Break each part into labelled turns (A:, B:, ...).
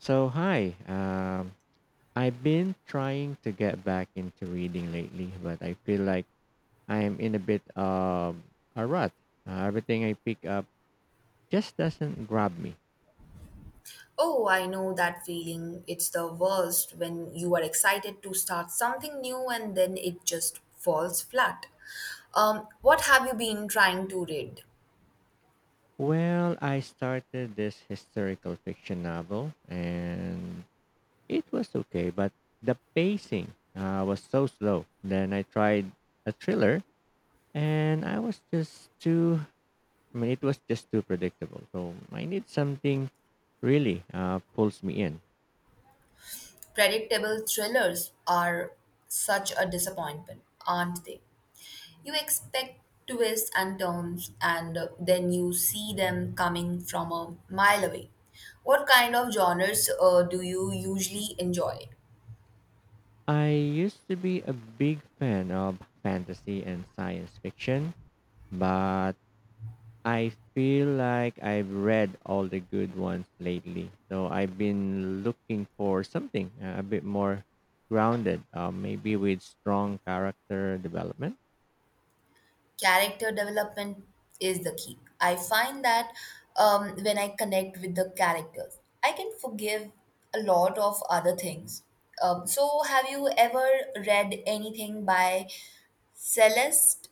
A: So, hi. I've been trying to get back into reading lately, but I feel like I'm in a bit of a rut. Everything I pick up just doesn't grab me.
B: Oh, I know that feeling. It's the worst when you are excited to start something new and then it just falls flat. What have you been trying to read?
A: Well, I started this historical fiction novel, and it was okay, but the pacing was so slow. Then I tried a thriller, and I was just too. I mean, it was just too predictable. So I need something really pulls me in.
B: Predictable thrillers are such a disappointment, aren't they? You expect twists and turns, and then you see them coming from a mile away. What kind of genres do you usually enjoy?
A: I used to be a big fan of fantasy and science fiction, but I feel like I've read all the good ones lately. So I've been looking for something a bit more grounded, maybe with strong character development.
B: Character development is the key. I find that when I connect with the characters, I can forgive a lot of other things. So, have you ever read anything by Celeste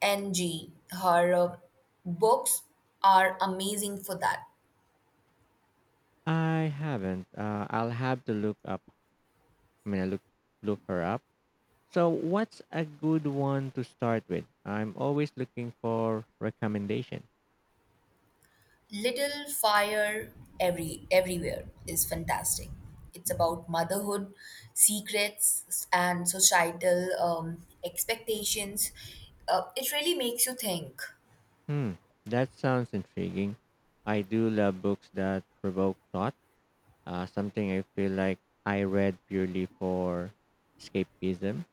B: N.G.? Her books are amazing for that.
A: I haven't. I'll have to look up. I mean, I look her up. So what's a good one to start with? I'm always looking for recommendation.
B: Little Fire Every Everywhere is fantastic. It's about motherhood, secrets, and societal expectations. It really makes you think.
A: Hmm, that sounds intriguing. I do love books that provoke thought, something I feel like I read purely for escapism.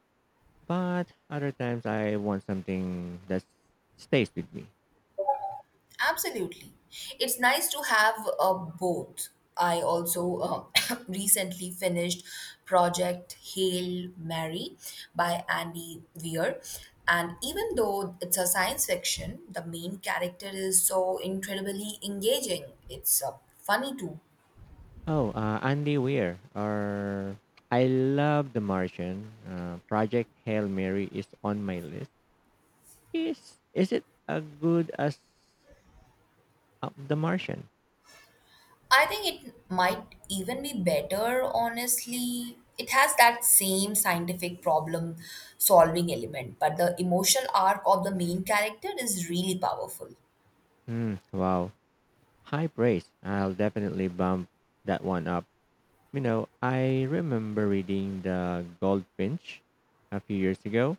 A: But other times I want something that stays with me.
B: Absolutely. It's nice to have both. I also recently finished Project Hail Mary by Andy Weir. And even though it's a science fiction, the main character is so incredibly engaging. It's funny too.
A: Oh, Andy Weir. Or I love The Martian. Project Hail Mary is on my list. Is it as good as The Martian?
B: I think it might even be better, honestly. It has that same scientific problem solving element, but the emotional arc of the main character is really powerful.
A: Hmm, wow, high praise. I'll definitely bump that one up. You know, I remember reading The Goldfinch a few years ago,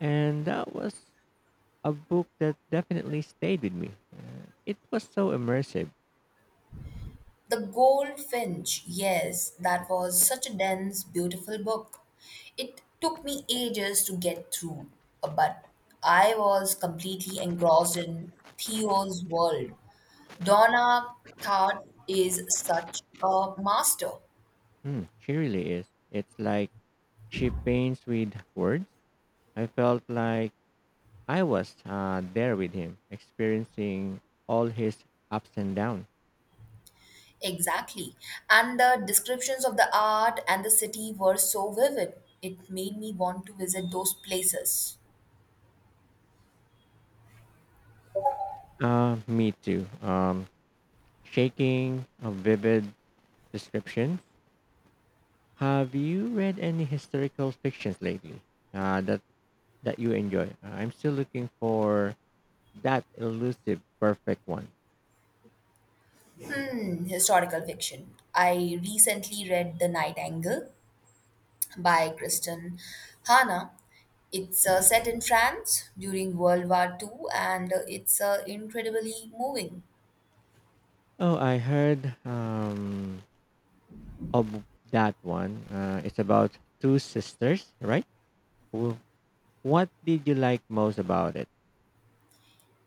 A: and that was a book that definitely stayed with me. It was so immersive.
B: The Goldfinch, yes, that was such a dense, beautiful book. It took me ages to get through, but I was completely engrossed in Theo's world. Donna Tartt is such a master.
A: Hmm, she really is. It's like she paints with words. I felt like I was there with him, experiencing all his ups and downs.
B: Exactly. And the descriptions of the art and the city were so vivid. It made me want to visit those places.
A: Me too. Shaking, a vivid description. Have you read any historical fictions lately? Uh, that that you enjoy. I'm still looking for that elusive perfect one.
B: Hmm, historical fiction. I recently read The Nightingale by Kristen Hanna. It's set in France during World War Two, and it's incredibly moving.
A: Oh, I heard of that one. It's about two sisters, right? Wh- What did you like most about it?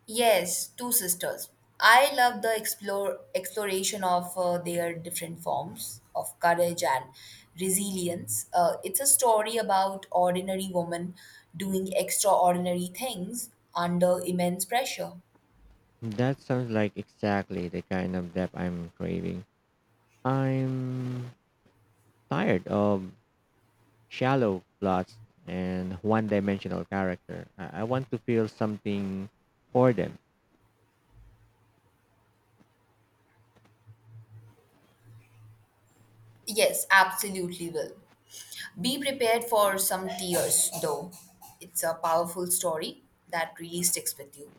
B: Yes, two sisters. I love the exploration of their different forms of courage and resilience. It's a story about ordinary women doing extraordinary things under immense pressure.
A: That sounds like exactly the kind of depth I'm craving. I'm tired of shallow plots and one-dimensional character. I want to feel something for them.
B: Yes, absolutely will. Be prepared for some tears, though. It's a powerful story that really sticks with you.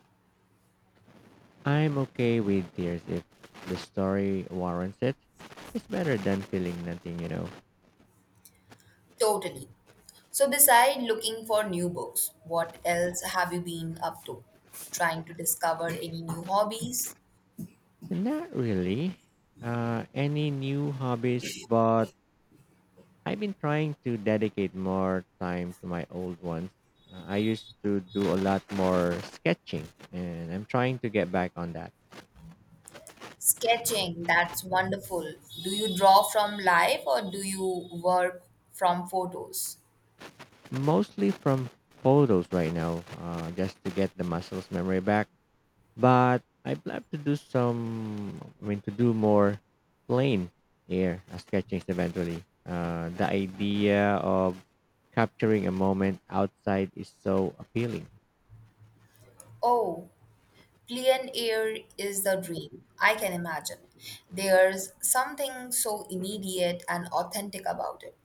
A: I'm okay with tears if the story warrants it. It's better than feeling nothing, you know.
B: Totally. So, beside looking for new books, what else have you been up to? Trying to discover any new hobbies?
A: Not really. Any new hobbies, but I've been trying to dedicate more time to my old ones. I used to do a lot more sketching, and I'm trying to get back on that.
B: Sketching, that's wonderful. Do you draw from life or do you work from photos?
A: Mostly from photos right now, just to get the muscles memory back. But I plan to do some. I mean, to do more plain air sketchings eventually. The idea of capturing a moment outside is so appealing.
B: Oh, clean air is the dream, I can imagine. There's something so immediate and authentic about it.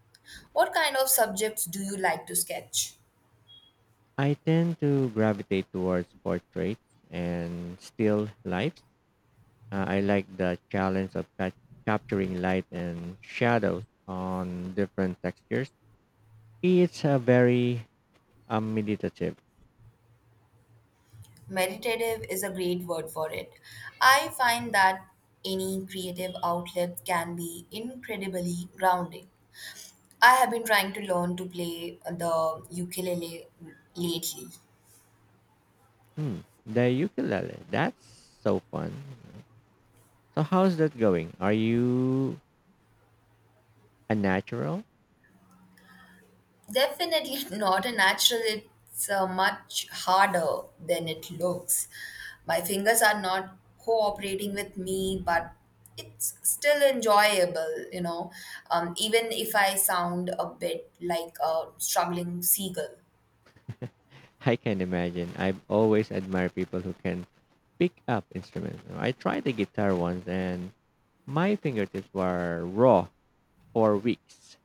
B: What kind of subjects do you like to sketch?
A: I tend to gravitate towards portraits and still lifes. I like the challenge of capturing light and shadows on different textures. It's a very meditative.
B: Meditative is a great word for it. I find that any creative outlet can be incredibly grounding. I have been trying to learn to play the ukulele lately.
A: Hmm, the ukulele, that's so fun. So how's that going? Are you a natural?
B: Definitely not a natural. It's much harder than it looks. My fingers are not cooperating with me, but it's still enjoyable, you know, even if I sound a bit like a struggling seagull.
A: I can imagine. I've always admired people who can pick up instruments. I tried the guitar once and my fingertips were raw for weeks.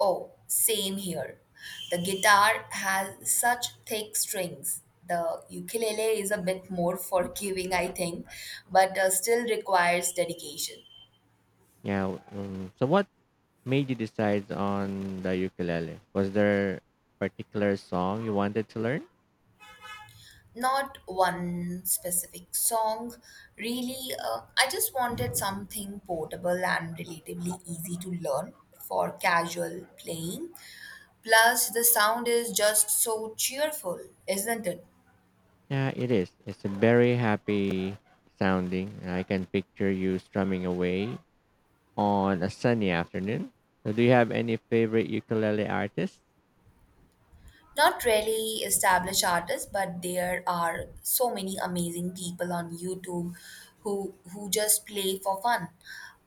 B: Oh, same here. The guitar has such thick strings. The ukulele is a bit more forgiving, I think, but still requires dedication.
A: Yeah. So what made you decide on the ukulele? Was there a particular song you wanted to learn?
B: Not one specific song really, I just wanted something portable and relatively easy to learn for casual playing. Plus the sound is just so cheerful, isn't it?
A: Yeah, it is. It's a very happy sounding. I can picture you strumming away on a sunny afternoon. So, do you have any favorite ukulele artists?
B: Not really established artists, but there are so many amazing people on YouTube who just play for fun.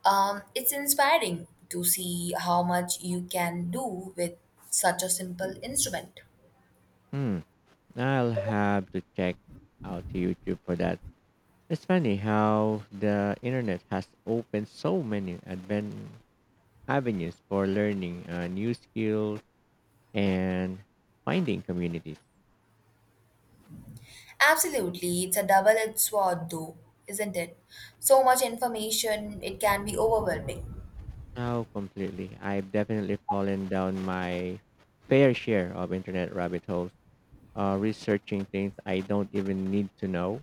B: It's inspiring to see how much you can do with such a simple instrument.
A: Hmm, I'll have to check out YouTube for that. It's funny how the internet has opened so many advent avenues for learning new skills and finding communities.
B: Absolutely, it's a double edged sword, though, isn't it? So much information, it can be overwhelming.
A: Oh, completely. I've definitely fallen down my fair share of internet rabbit holes, researching things I don't even need to know.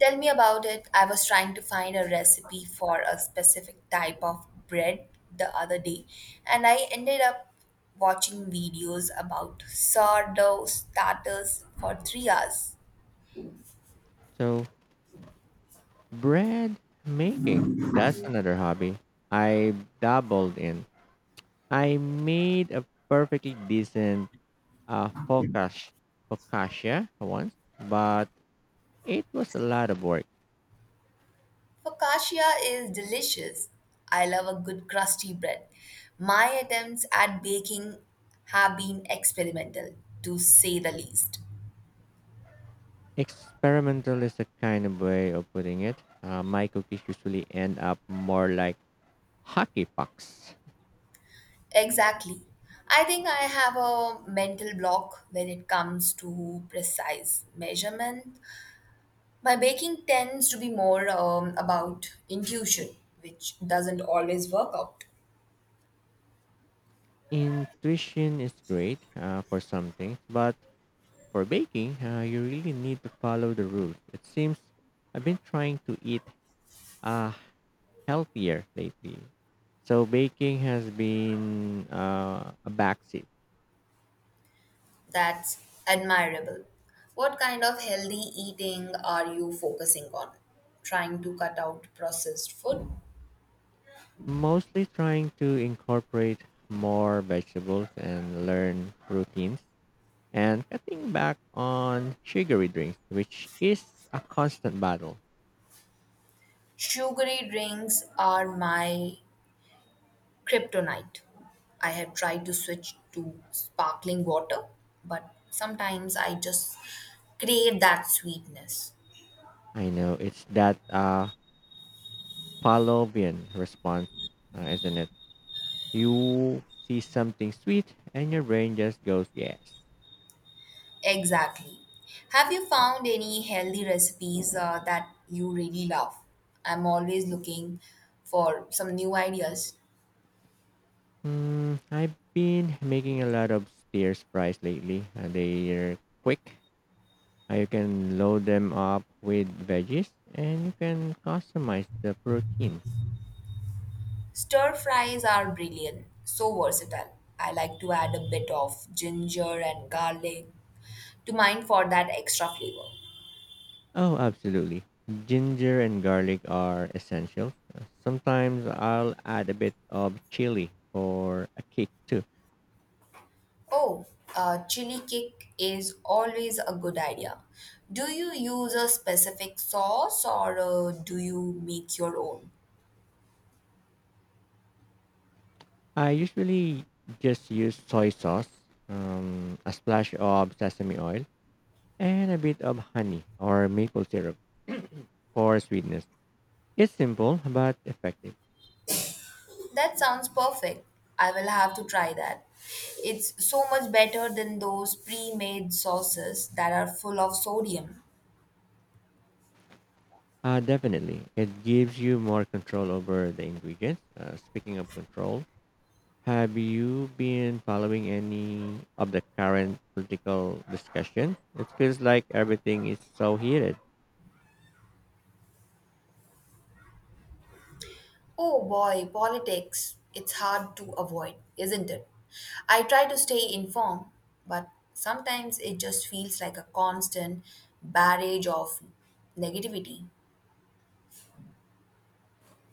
B: Tell me about it. I was trying to find a recipe for a specific type of bread the other day, and I ended up watching videos about sourdough starters for 3 hours.
A: So, bread making. That's another hobby I dabbled in. I made a perfectly decent uh, focaccia, focaccia once, but it was a lot of work.
B: Focaccia is delicious. I love a good crusty bread. My attempts at baking have been experimental, to say the least.
A: Experimental is a kind of way of putting it. My cookies usually end up more like hockey pucks.
B: Exactly. I think I have a mental block when it comes to precise measurement. My baking tends to be more about intuition, which doesn't always work out.
A: Intuition is great for some things, but for baking, you really need to follow the rules. It seems I've been trying to eat. Uh, Healthier lately. So baking has been a backseat.
B: That's admirable. What kind of healthy eating are you focusing on? Trying to cut out processed food?
A: Mostly trying to incorporate more vegetables and learn routines and cutting back on sugary drinks, which is a constant battle.
B: Sugary drinks are my Kryptonite. I had tried to switch to sparkling water, but sometimes I just crave that sweetness.
A: I know it's that Pavlovian response, isn't it? You see something sweet and your brain just goes yes.
B: Exactly. Have you found any healthy recipes that you really love? I'm always looking for some new ideas.
A: Hmm. I've been making a lot of stir fries lately. They're quick. You can load them up with veggies and you can customize the protein.
B: Stir fries are brilliant, so versatile. I like to add a bit of ginger and garlic to mine for that extra flavor.
A: Oh, absolutely. Ginger and garlic are essential. Sometimes I'll add a bit of chili for a kick too.
B: Oh, chili kick is always a good idea. Do you use a specific sauce or do you make your own?
A: I usually just use soy sauce, a splash of sesame oil, and a bit of honey or maple syrup for sweetness. It's simple but effective.
B: That sounds perfect. I will have to try that. It's so much better than those pre made sauces that are full of sodium.
A: Definitely. It gives you more control over the ingredients. Speaking of control, have you been following any of the current political discussion? It feels like everything is so heated.
B: Oh boy, politics. It's hard to avoid, isn't it? I try to stay informed, but sometimes it just feels like a constant barrage of negativity.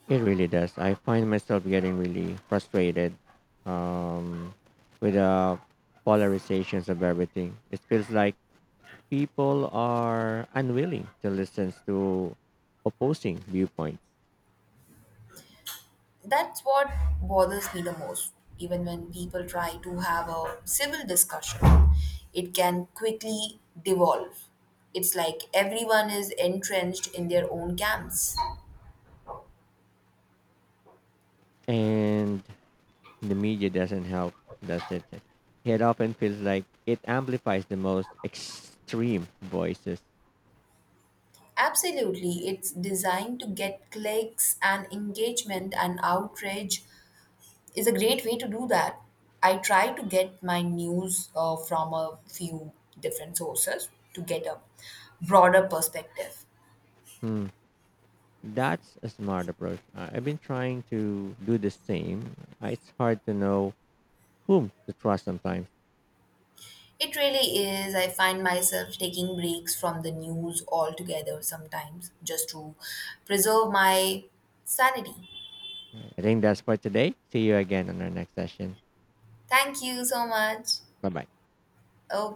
A: It really does. I find myself getting really frustrated um, with the polarizations of everything. It feels like people are unwilling to listen to opposing viewpoints.
B: That's what bothers me the most. Even when people try to have a civil discussion, it can quickly devolve. It's like everyone is entrenched in their own camps.
A: And the media doesn't help. That's it. It often feels like it amplifies the most extreme voices.
B: Absolutely, it's designed to get clicks and engagement, and outrage is a great way to do that. I try to get my news from a few different sources to get a broader perspective.
A: Hmm. That's a smart approach. I've been trying to do the same. It's hard to know whom to trust sometimes.
B: It really is. I find myself taking breaks from the news altogether sometimes just to preserve my sanity.
A: I think that's for today. See you again on our next session.
B: Thank you so much.
A: Bye bye.
B: Okay.